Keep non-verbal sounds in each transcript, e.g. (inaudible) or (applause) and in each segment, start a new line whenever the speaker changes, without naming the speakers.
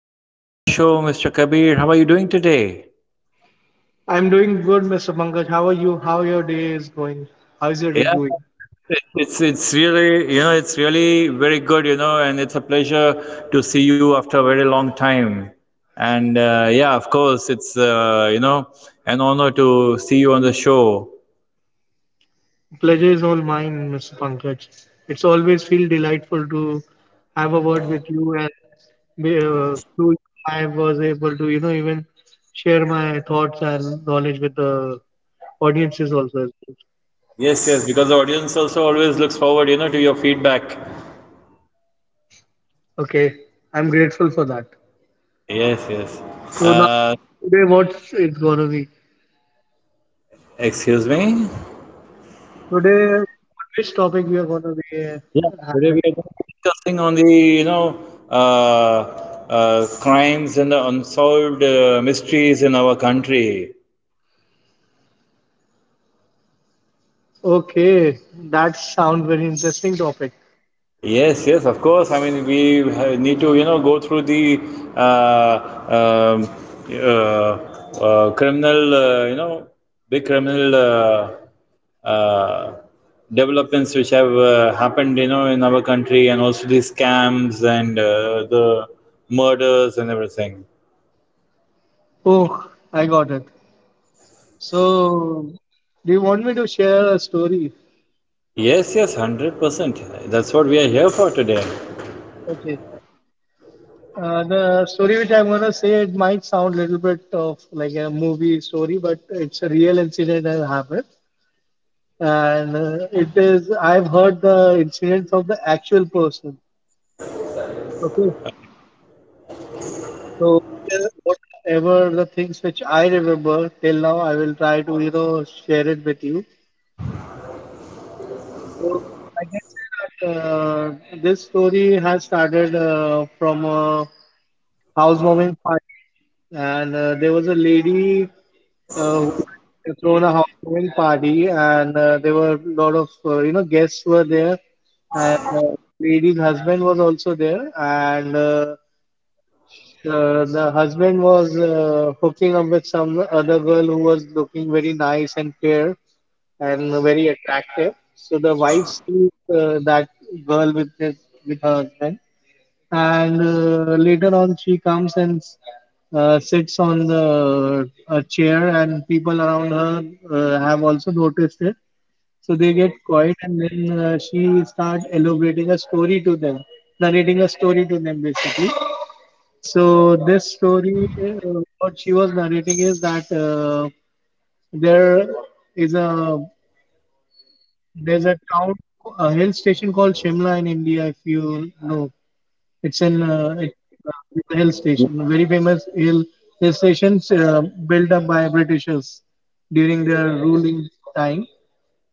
to my podcast show, Mr. Kabir. How are you doing today?
I'm doing good, Mr. Pankaj. How are you? How your day is going? How's your day
Yeah,
going?
it's really it's really very good, and it's a pleasure to see you after a very long time. And yeah, of course, it's an honor to see you on the show.
Pleasure is all mine, Mr. Pankaj. It's always feel delightful to have a word with you, and through you, I was able to, even share my thoughts and knowledge with the audiences also as well.
Yes, yes, because the audience also always looks forward, to your feedback.
Okay, I'm grateful for that.
Yes, yes.
So
Uh,
now today, what's it gonna be?
excuse me.
Today, on which topic we are gonna be
Yeah, today we are
having
going
a
to be
conversation?
discussing on the, crimes and the unsolved mysteries in our country.
Okay, that sounds very interesting topic.
Yes, yes, of course. I mean, need to, you know, go through the uh, um, uh, criminal, big criminal uh, developments which have happened, you know, in our country, and also the scams and the murders and everything.
Oh, I got it. So, do you want me to share a story?
Yes, yes, 100%. That's what we are here for today.
Okay. The story which I'm gonna say it might sound a little bit of like a movie story, but it's a real incident that happened, and it is I've heard the incidents of the actual person. Okay, so whatever the things which I remember till now, I will try to share it with you. So I can say that this story has started from a housewarming party, and there was a lady who had thrown a housewarming party, and there were a lot of guests were there, and the lady's husband was also there, and the husband was hooking up with some other girl who was looking very nice and fair, and very attractive. So the wife sees that girl with her husband, and later on she comes and sits on the a chair, and people around her have also noticed it. So they get quiet, and then she start elaborating a story to them, narrating a story to them basically. So this story, what she was narrating is that there is a there's a town, a hill station called Shimla in India. If you know, it's in uh, it, there's a hill station, a very famous hill stations built up by Britishers during their ruling time.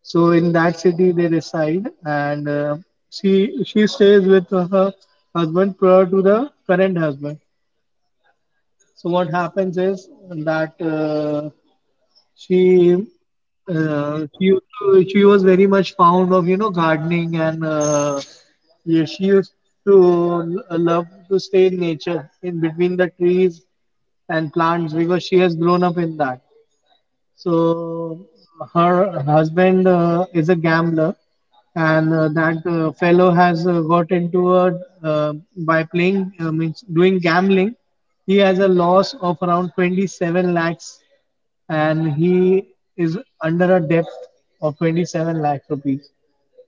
So in that city they reside, and she stays with her husband prior to the current husband. So what happens is that. She she used to She was very much fond of gardening and yeah, she used to love to stay in nature in between the trees and plants because she has grown up in that. So her husband is a gambler, and that fellow has got into a by playing means doing gambling. He has a loss of around 27 lakhs, and he is under a debt of 27 lakh rupees.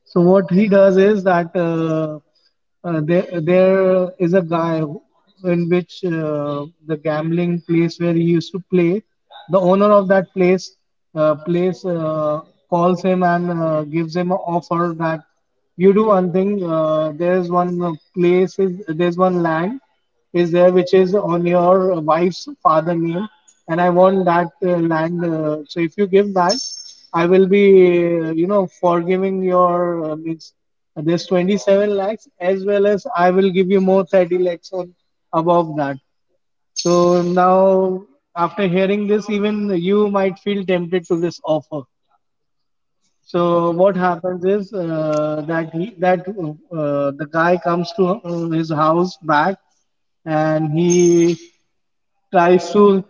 So what he does is that there is a guy in which the gambling place where he used to play, the owner of that place uh, place uh, calls him and gives him an offer that you do one thing. There's one land is there which is on your wife's father name, and I want that land. So if you give that, I will be forgiving your means this 27 lakhs, as well as I will give you more 30 lakhs on above that. So now, after hearing this even, you might feel tempted to this offer. So what happens is that he that the guy comes to his house back, and he tries to,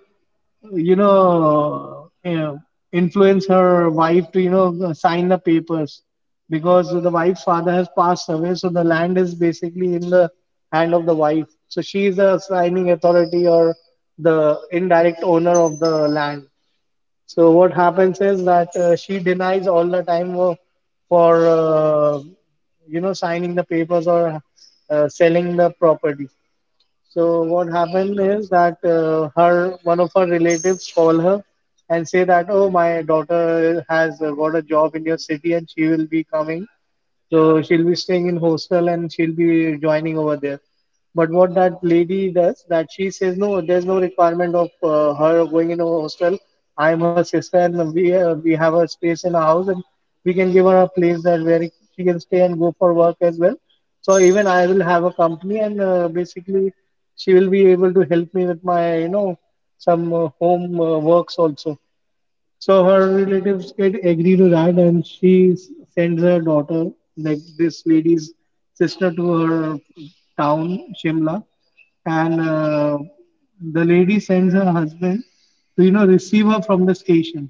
you know, uh, influence her wife to, sign the papers because the wife's father has passed away. So the land is basically in the hand of the wife. So she is the signing authority or the indirect owner of the land. So what happens is that she denies all the time for, signing the papers or selling the property. So what happened is that her one of her relatives call her and say that oh, my daughter has got a job in your city and she will be coming, so she'll be staying in hostel and she'll be joining over there. But what that lady does, that she says, no, there's no requirement of her going in a hostel. I'm her sister, and we have a space in our house, and we can give her a place that where she can stay and go for work as well. So even I will have a company, and basically she will be able to help me with my some home works also. So her relatives get agree to that, and she sends her daughter, like this lady's sister, to her town, Shimla, and the lady sends her husband to receive her from the station.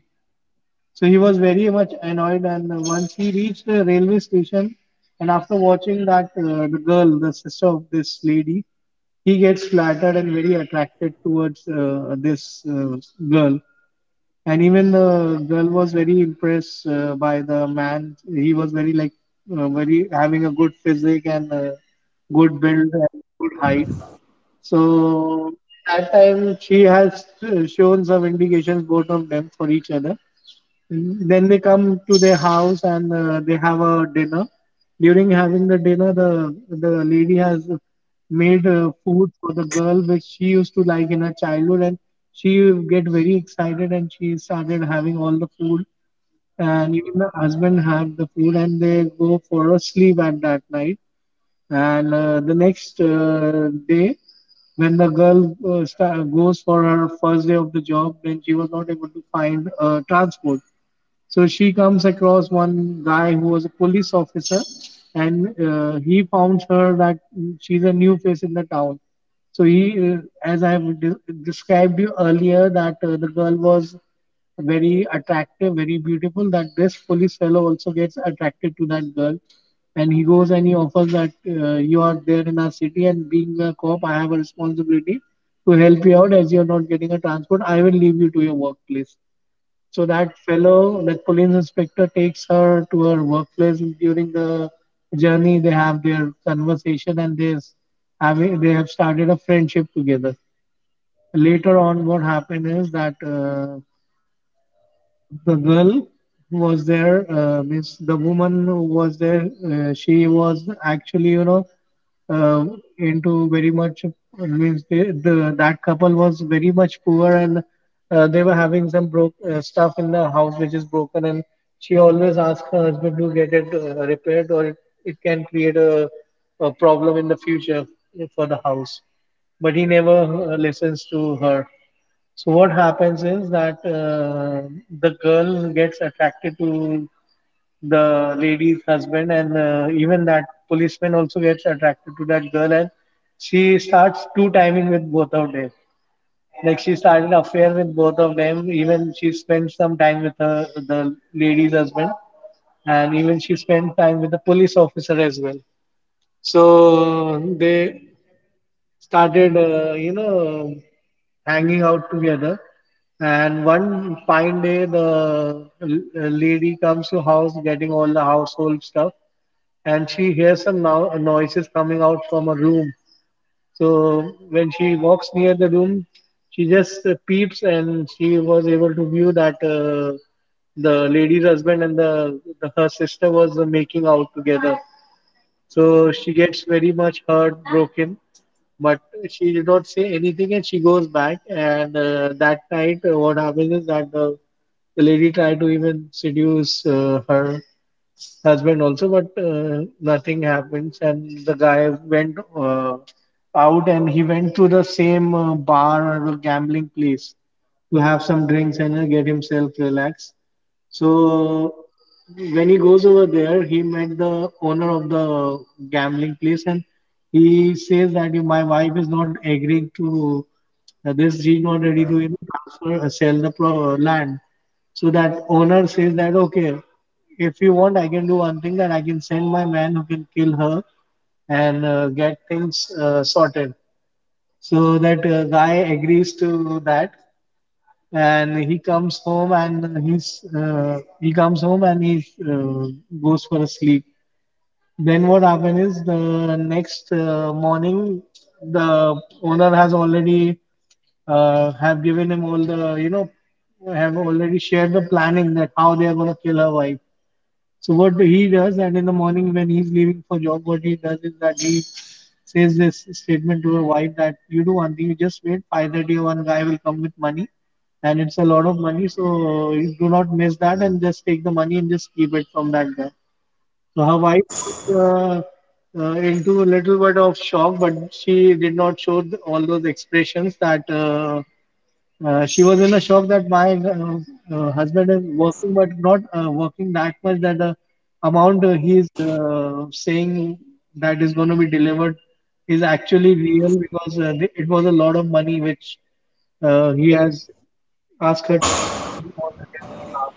So he was very much annoyed, and once he reached the railway station, and after watching that the girl, the sister of this lady, he gets flattered and very attracted towards this girl, and even the girl was very impressed by the man. He was very having a good physique and good build and good height. So that time she has shown some indications both of them for each other. Then they come to their house and they have a dinner. During having the dinner, the lady has made food for the girl which she used to like in her childhood, and she get very excited and she started having all the food, and even the husband have the food, and they go for a sleep at that night. And the next day, when the girl sta goes for her first day of the job, then she was not able to find transport. So she comes across one guy who was a police officer, and he found her that she's a new face in the town. So he, as I have described you earlier, that the girl was very attractive, very beautiful. That this police fellow also gets attracted to that girl, and he goes and he offers that you are there in our city, and being a cop, I have a responsibility to help you out as you are not getting a transport. I will leave you to your workplace. So that fellow, that police inspector, takes her to her workplace during the journey. They have their conversation and they have started a friendship together. Later on, what happened is that the girl was there means the woman who was there she was actually uh, into very much means they, the that couple was very much poor, and they were having some broke stuff in the house which is broken, and she always asked her husband to get it repaired or it can create a problem in the future for the house, but he never listens to her. So what happens is that the girl gets attracted to the lady's husband, and even that policeman also gets attracted to that girl, and she starts two timing with both of them. Like she started affair with both of them. Even she spent some time with her, the lady's husband, and even she spent time with the police officer as well. So they started, hanging out together. And one fine day, the lady comes to house getting all the household stuff, and she hears some noises coming out from a room. So when she walks near the room, she just peeps, and she was able to view that the lady's husband and the her sister was making out together. So she gets very much heartbroken, but she did not say anything and she goes back. And that night, what happens is that the lady tried to even seduce her husband also, but nothing happens. And the guy went out and he went to the same bar or the gambling place to have some drinks and get himself relaxed. So when he goes over there, he met the owner of the gambling place, and he says that My wife is not agreeing to this. She's not ready to transfer sell the land." So that owner says that okay, if you want, I can do one thing that I can send my man who can kill her and get things sorted. So that guy agrees to that, and he comes home and he goes for a sleep. Then what happened is the next morning the owner has already have given him all the have already shared the planning that how they are going to kill her wife. So what he does, and in the morning when he's leaving for job, what he does is that he says this statement to her wife that you do one thing, you just wait. 5:30, one guy will come with money, and it's a lot of money. So you do not miss that, and just take the money and just keep it from that guy. So her wife was into a little bit of shock, but she did not show all those expressions that she was in a shock that my husband is working, but not working that much that the amount he's saying that is going to be delivered is actually real because it was a lot of money which he has asked her to receive on his behalf.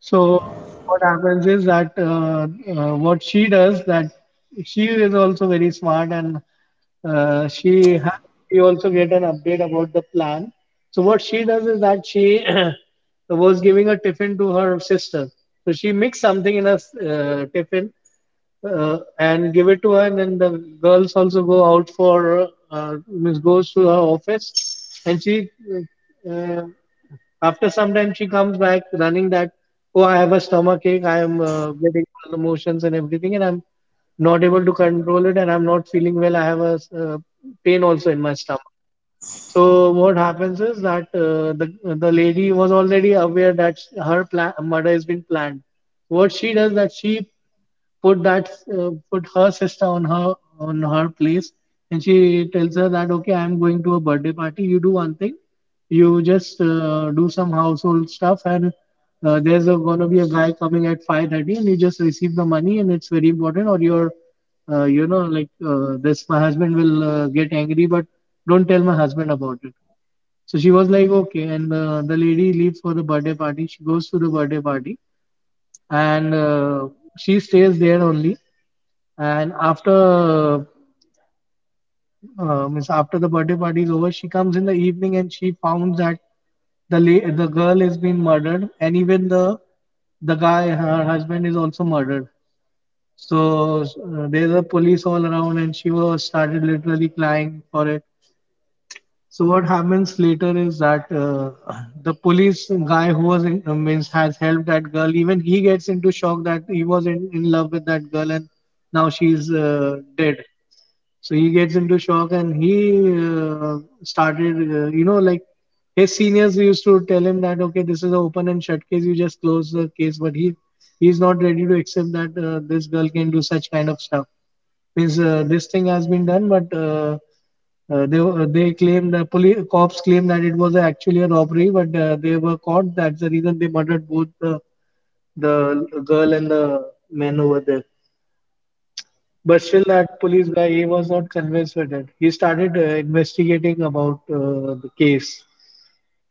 So what happens is that what she does that she is also very smart and she also get an update about the plan. So what she does is that she (clears throat) was giving a tiffin to her sister. So she mixed something in a tiffin and give it to her, and then the girls also go out for means goes to her office, and she uh, after some time she comes back running that, oh, I have a stomach ache. I am getting all the motions and everything, and I'm not able to control it, and I'm not feeling well. I have a uh, pain also in my stomach. So what happens is that the lady was already aware that her plan, murder has been planned. What she does that she put that put her sister on her place, and she tells her that, okay, I'm going to a birthday party. You do one thing, you just do some household stuff, and gonna be a guy coming at 5:30, and you just receive the money, and it's very important, or your this, my husband will get angry, but don't tell my husband about it. So she was like, okay, and the lady leaves for the birthday party. She goes to the birthday party, and she stays there only. And after means after the birthday party is over, she comes in the evening and she found that the girl has been murdered, and even the guy, her husband, is also murdered. So there's a police all around, and she was started literally crying for it. So what happens later is that the police guy who was means has helped that girl. Even he gets into shock that he was in love with that girl, and now she's dead. So he gets into shock and he started, like his seniors used to tell him that, okay, this is an open and shut case, you just close the case. But he's not ready to accept that this girl can do such kind of stuff. Means this thing has been done, but they claim the police cops claim that it was actually a robbery, but they were caught. That's the reason they murdered both the girl and the man over there. But still, that police guy, he was not convinced with it. He started investigating about the case.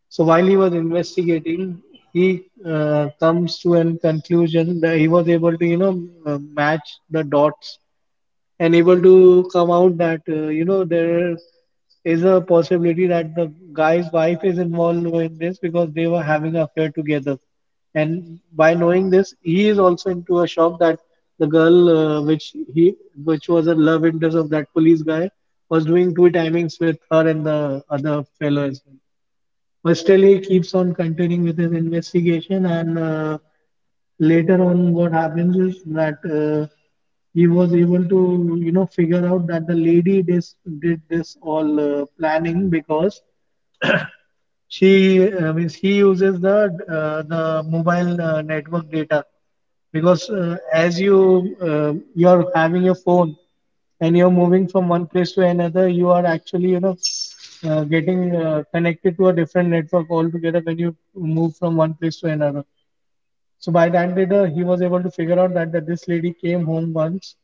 So while he was investigating, he comes to a conclusion that he was able to, you know, match the dots and able to come out that there is a possibility that the guy's wife is involved in this because they were having an affair together. And by knowing this, he is also into a shock that the girl which was a love interest of that police guy was doing two timings with her and the other fellow as well. But still, he keeps on continuing with his investigation, and later on, what happens is that he was able to, you know, figure out that the lady did this all planning because I mean, he uses the mobile network data. Because as you are having your phone and you're moving from one place to another, you are actually getting connected to a different network altogether when you move from one place to another. So by that data, he was able to figure out that this lady came home once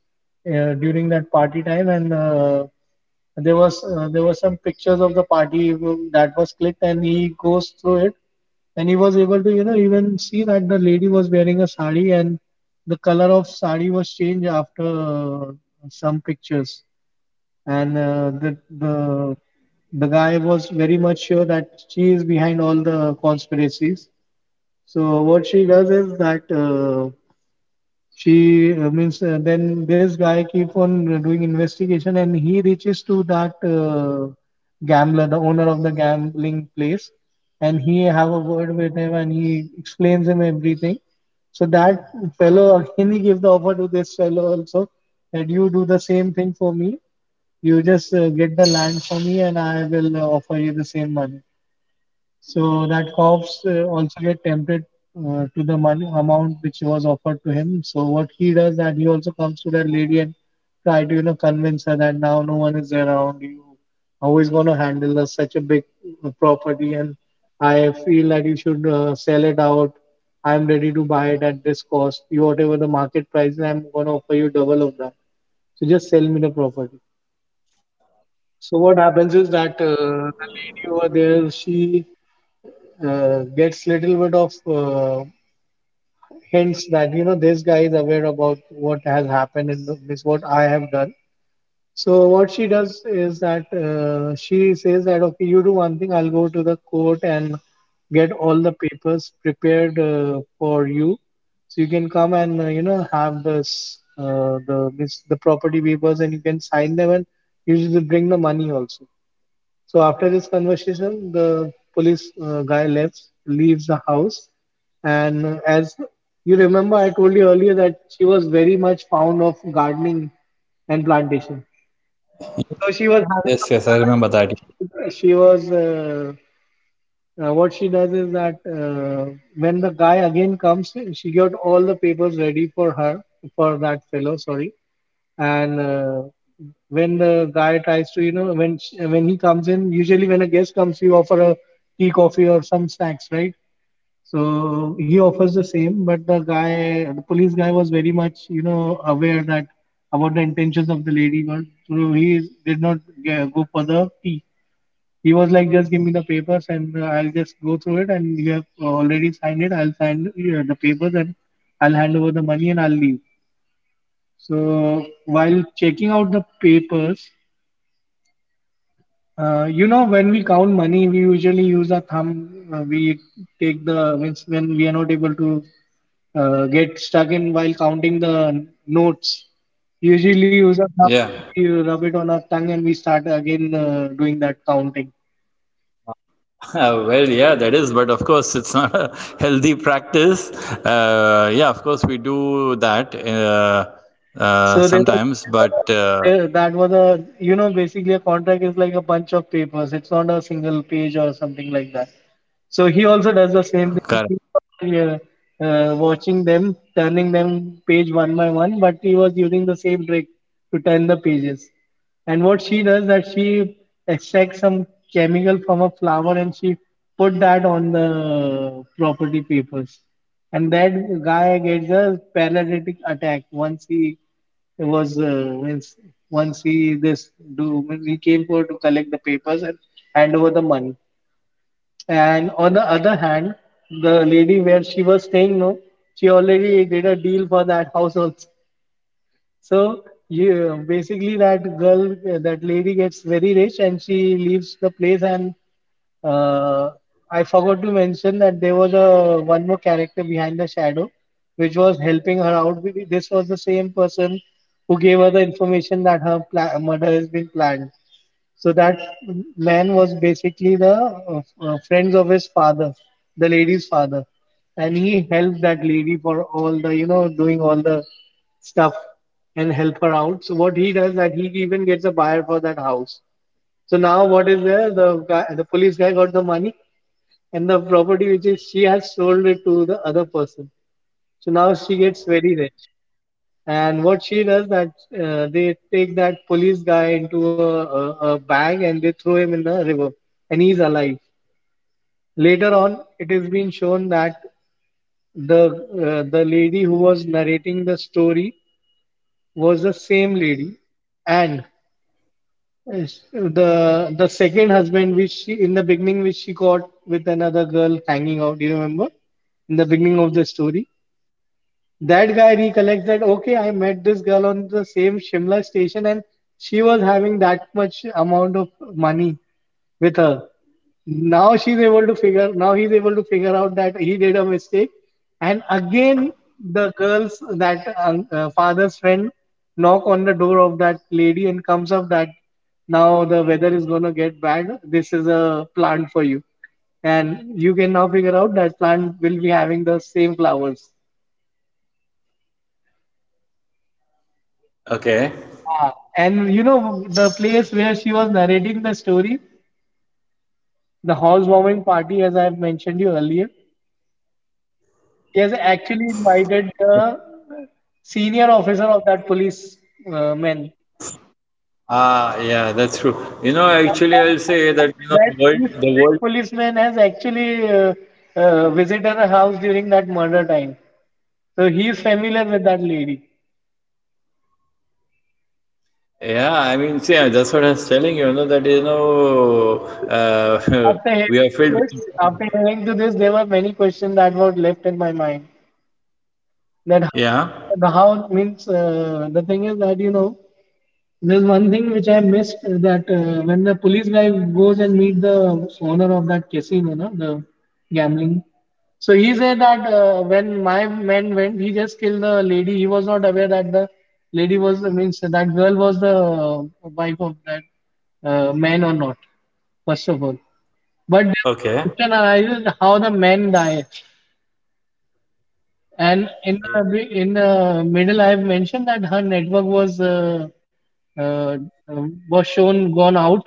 during that party time, and there were some pictures of the party that was clicked, and he goes through it, and he was able to even see that the lady was wearing a sari, and the color of sari was changed after some pictures, and the guy was very much sure that she is behind all the conspiracies. So what she does is that. She means then this guy keep on doing investigation and he reaches to that gambler, the owner of the gambling place, and he have a word with him and he explains him everything. So that fellow again he give the offer to this fellow also that you do the same thing for me. You just get the land for me, and I will offer you the same money. So that cops also get tempted to the money amount which was offered to him. So what he does that he also comes to that lady and try to convince her that now no one is there around you. How is going to handle such a big property? And I feel that you should sell it out. I'm ready to buy it at this cost. You whatever the market price, is, I'm going to offer you double of that. So just sell me the property. So what happens is that the lady over there, she gets little bit of hints that this guy is aware about what has happened and this what I have done. So what she does is that she says that, okay, you do one thing, I'll go to the court and get all the papers prepared for you, so you can come and have this the property papers, and you can sign them, and you should bring the money also. So after this conversation, the police guy leaves the house, and as you remember, I told you earlier that she was very much fond of gardening and plantation. So she was
Yes,
having
yes, I
a
remember that.
plant. She was what she does is that when the guy again comes, she got all the papers ready for her for that fellow. Sorry, and when the guy tries to you know when sh when he comes in, usually when a guest comes, you offer a tea, coffee, or some snacks, right? So he offers the same, but the police guy was very much aware that about the intentions of the lady, but so he did not go for the tea. He was like, just give me the papers, and I'll just go through it, and you have already signed it. I'll sign the papers, and I'll hand over the money, and I'll leave. So while checking out the papers, when we count money, we usually use a thumb. We take the means when we are not able to get stuck in while counting the notes. Usually use a thumb, and
Yeah.
we rub it on our tongue, and we start again doing that counting.
(laughs) Well, yeah, that is, but of course, it's not a (laughs) healthy practice. Yeah, of course, we do that
Yes. So
sometimes,
there were
but
a, there, that was a you know basically a contract is like a bunch of papers. It's not a single page or something like that. So he also does the same thing.
correct.
He keeps on watching them, turning them page one by one, but he was using the same trick to turn the pages. And what she does that she extracts some chemical from a flower and she put that on the property papers. And that guy gets a paralytic attack once he was means once he this do means he came for to collect the papers and hand over the money. And on the other hand, the lady where she was staying, no, she already did a deal for that household. So you basically that girl, that lady gets very rich and she leaves the place. And uh, I forgot to mention that there was a one more character behind the shadow, which was helping her out. This was the same person who gave her the information that her murder has been planned. So that man was basically the friends of his father, the lady's father, and he helped that lady for all the doing all the stuff and help her out. So what he does that he even gets a buyer for that house. So now what is there? The guy, the police guy got the money and the property which is she has sold it to the other person. So now she gets very rich. And what she does that they take that police guy into a bag and they throw him in the river, and he's alive. Later on, it has been shown that the the lady who was narrating the story was the same lady, and uh, the second husband, which she in the beginning, which she got with another girl hanging out. Do you remember? In the beginning of the story, that guy recollects that okay, I met this girl on the same Shimla station, and she was having that much amount of money with her. Now he's able to figure out that he did a mistake, and again, the girls, that father's friend, knock on the door of that lady and comes up that now the weather is going to get bad. This is a plant for you, and you can now figure out that plant will be having the same flowers.
Okay.
Yeah, and you know the place where she was narrating the story, the housewarming party, as I have mentioned you earlier, she has actually invited the senior officer of that police man,
Ah, yeah, that's true. You
and,
know,
and
actually,
that
I'll
and
say
that
that, you know,
that
the world,
police
the
that
world.
policeman has actually visited her house during that murder time, so he is familiar with that lady.
Yeah, I mean, see, that's what I was telling you, you know, that,
So now,
uh,
after
(laughs) we are
hearing to
filled with.
this, there were many questions that were left in my mind. That how do you know,
Yeah.
the how means the thing is that there's one thing which I missed that when the police guy goes and meet the owner of that casino, no, the gambling. So he said that when my men went, he just killed the lady. He was not aware that the lady was means that girl was the wife of that man or not. First of all, but there was a
Okay.
question arises how the men die. And in the in the middle, I've mentioned that her network uh, was shown gone out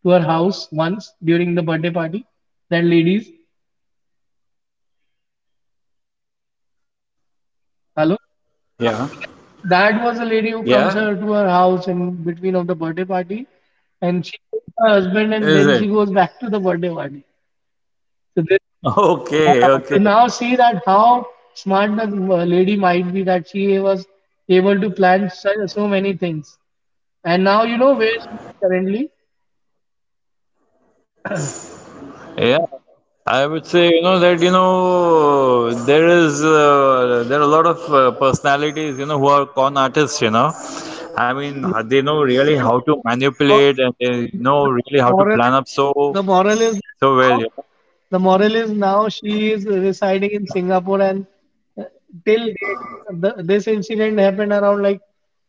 to her house once during the birthday party. That ladies,
Yeah.
hello. Ah, so that
Yeah.
that was a lady who comes her to her house in between of the birthday party, and she kills her
Is it? (laughs)
husband, and then she goes back to the birthday party. So
Okay. Okay.
yeah. So now see that how smart the lady might be, that she was able to plan so many things. And now you know where she is currently.
Yeah. I would say, you know, that, you know, there are a lot of personalities, you know, who are con artists, you know. I mean,
No,
they
no,
know
no. I
really
really
how
want
to
to. Now,
manipulate and they
now the,
know
the,
really
the
how to
moral
plan
is
up so,
the moral is that
so well,
now
you know.
now she is residing in Singapore, and uh, till date, this incident happened around like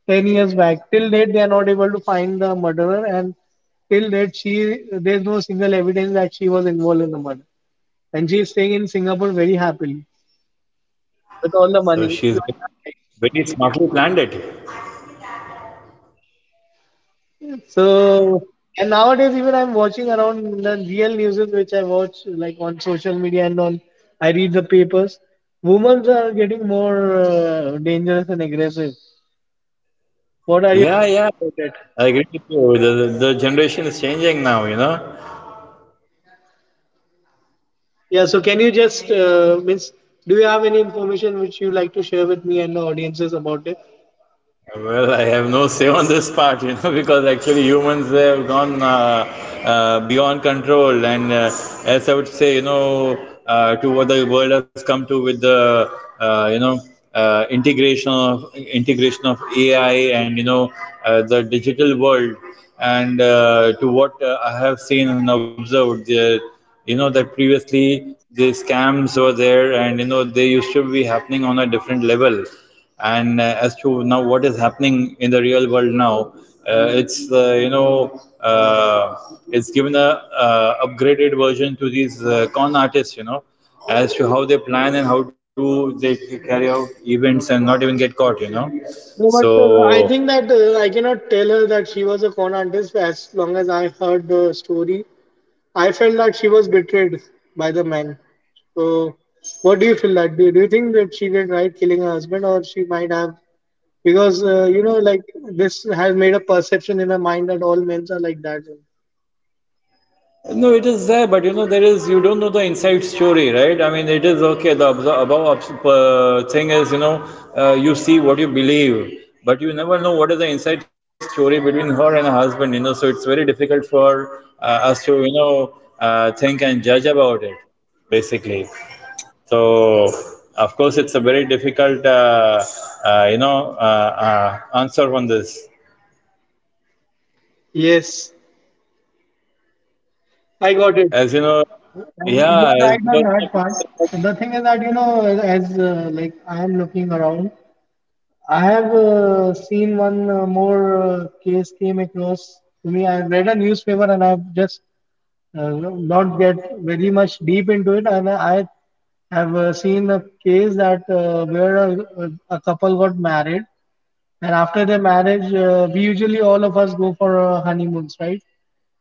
10 years back. Till date they are not able to find the murderer, and till date she there is no single evidence that she was involved in the murder, and she is staying in Singapore very happily with all the money,
So
enjoying her life.
very smartly planned it.
So, and nowadays even I'm watching around the real news, which I watch like on social media, and on I read the papers. Women are getting more dangerous and aggressive. What are your
Yeah,
thoughts
yeah.
about it?
I agree with you. The generation is changing now, you know.
Yeah. So, can you just means do you have any information which you like to share with me and the audiences about it?
Well, I have no say on this part, you know, (laughs) because actually humans have gone beyond control, and as I would say, you know, to what the world has come to with uh, you know, integration of AI, and the digital world, and to what I have seen and observed there. You know that previously the scams were there, and you know they used to be happening on a different level, and as to now what is happening in the real world now, it's it's given a upgraded version to these con artists, you know, as to how they plan and how do they carry out events and not even get caught, you know,
No, but I
so
think that I cannot tell her that she was a con artist as long as I heard the story. I felt that she was betrayed by the man. So, what do you feel that? Do you think that she did right killing her husband, or she might have? Because like this has made a perception in her mind that all men are like that.
no, it is there, but you know, there is, you don't know the inside story, right? I mean, it is okay. The thing is, you know, you see what you believe, but you never know what is the inside story between her and her husband, you know, so it's very difficult for us to, you know, think and judge about it, basically. So, of course, it's a very difficult, uh, you know, uh, answer on this.
Yes, I got it.
As you know,
And you
yeah,
are
as,
right on
because,
that part. And the thing is that as like I am looking around, I have seen one more case came across to me. I read a newspaper and I've just not get very much deep into it. And I have seen a case that where a couple got married, and after the marriage, we usually all of us go for honeymoons, right?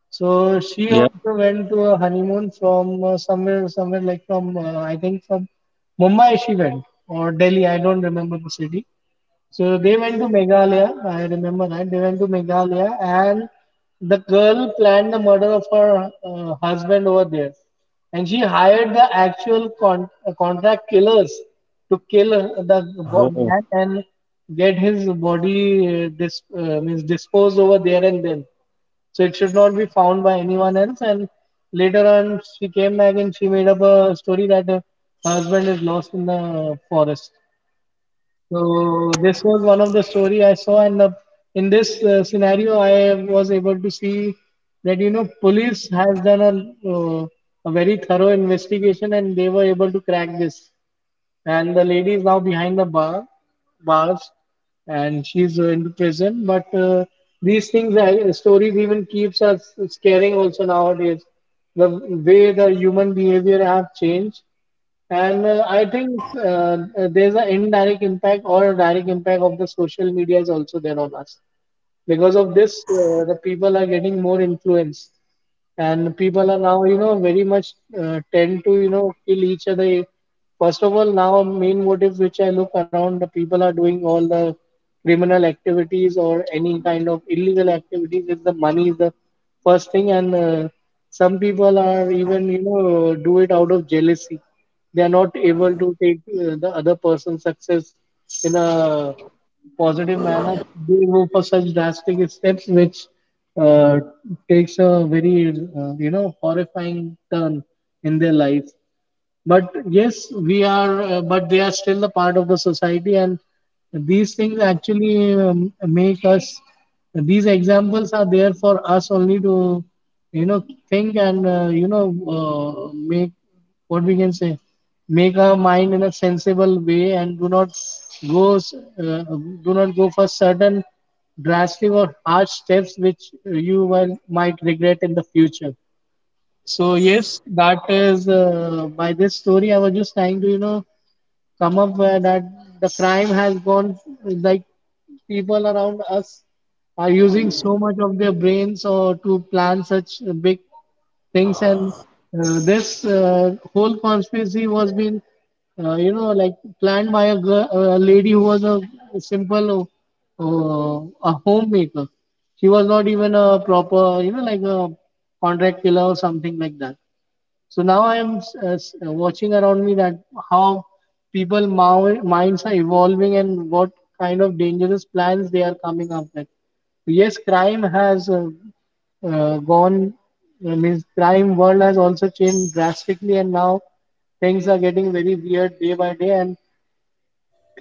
So she
yeah.
also went to a honeymoon from somewhere like from I think from Mumbai she went, or Delhi. I don't remember the city. So they went to Meghalaya. I remember that they went to Meghalaya, and the girl planned the murder of her husband over there, and she hired the actual contract killers to kill the
Oh.
man and get his body means disposed over there and then. So it should not be found by anyone else. And later on, she came back and she made up a story that her husband is lost in the forest. So this was one of the story I saw, and in this scenario, I was able to see that police has done uh, a very thorough investigation, and they were able to crack this. And the lady is now behind the bars, and she's in prison. But these things, stories even keeps us scaring also nowadays. The way the human behavior have changed, and I think there's an indirect impact or a direct impact of the social media is also there on us. Because of this, the people are getting more influence, and people are now very much tend to kill each other. First of all, now main motive which I look around the people are doing all the criminal activities or any kind of illegal activities is the money, is the first thing. And some people are even do it out of jealousy. They are not able to take the other person's success in a positive manner. They go for such drastic steps which uh, takes a very horrifying turn in their life. But yes, we are but they are still a part of the society, and these things actually make us these examples are there for us only to think, and make, what we can say, make our mind in a sensible way, and do not go s- uh, go for certain drastic or harsh steps which might regret in the future. So yes, that is by this story. I was just trying to come up where that the crime has gone. Like, people around us are using so much of their brains or to plan such big things. And this whole conspiracy was been like planned by a lady who was simple a homemaker. She was not even a proper like a contract killer or something like that. So now I am watching around me that how people minds are evolving and what kind of dangerous plans they are coming up with. So yes, crime has gone. I mean, crime world has also changed drastically, and now things are getting very weird day by day. And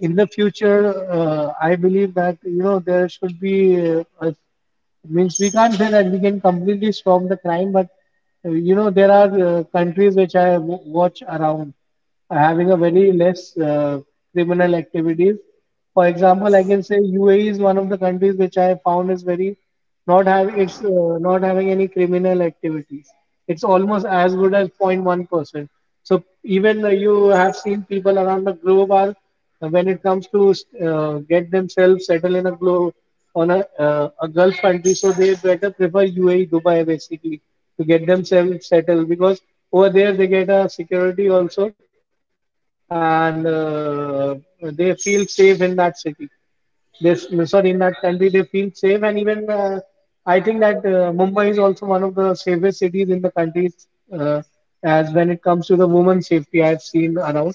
in the future, I believe that there should be a means we can't say that we can completely stop the crime, but there are countries which I watch around are having a very less criminal activities. For example, I can say UAE is one of the countries which I found is very not have it's not having any criminal activities. It's almost as good as 0.1%. So even you have seen people around the globe are when it comes to get themselves settle in a globe on a gulf country, so they better prefer UAE, Dubai basically, to get themselves settled, because over there they get a security also. And they feel safe in that city, this, sorry, in that country they feel safe. And even I think that Mumbai is also one of the safest cities in the country, uh, as when it comes to the women's safety I've seen around.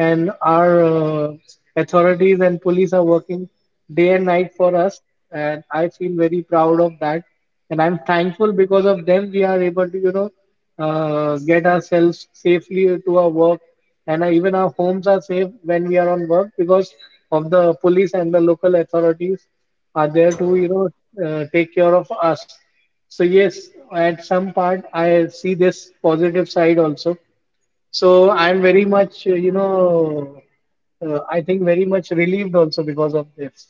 And our authorities and police are working day and night for us, and I feel very proud of that. And I'm thankful, because of them we are able to get ourselves safely to our work. And even our homes are safe when we are on work, because of the police and the local authorities are there to take care of us. So yes, at some part I see this positive side also, so I'm very much I think very much relieved also because of this.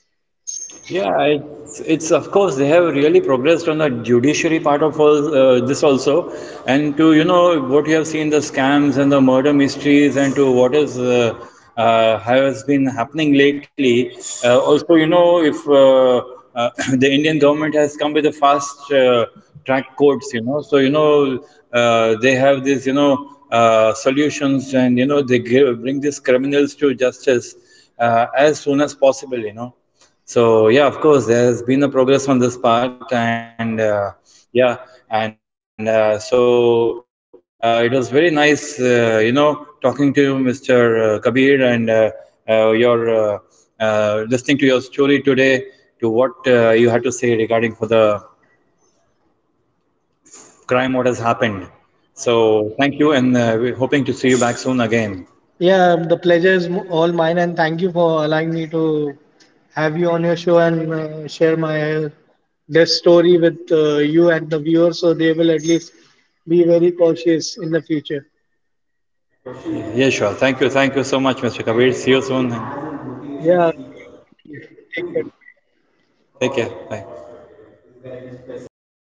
Yeah, it's of course they have really progressed on the judiciary part of all, this also, and to you know what you have seen the scams and the murder mysteries, and to what is has been happening lately. Also, you know, if (coughs) (clears throat) the Indian government has come with a fast track courts, you know, so you know they have this, you know, solutions, and you know they give, bring these criminals to justice as soon as possible, you know. So yeah, of course, there's been a progress on this part, and yeah, and it was very nice, you know, talking to you, Mr. Kabir, and your listening to your story today, to what you had to say regarding for the crime, what has happened. So thank you, and we're hoping to see you back soon again.
Yeah, the pleasure is all mine, and thank you for allowing me to have you on your show and share my death story with you and the viewers, so they will at least be very cautious in the future.
Yeah, sure. Thank you so much, Mr. Kabir. See you soon.
Yeah, see you soon too. Take care. Bye.
Take care. Bye.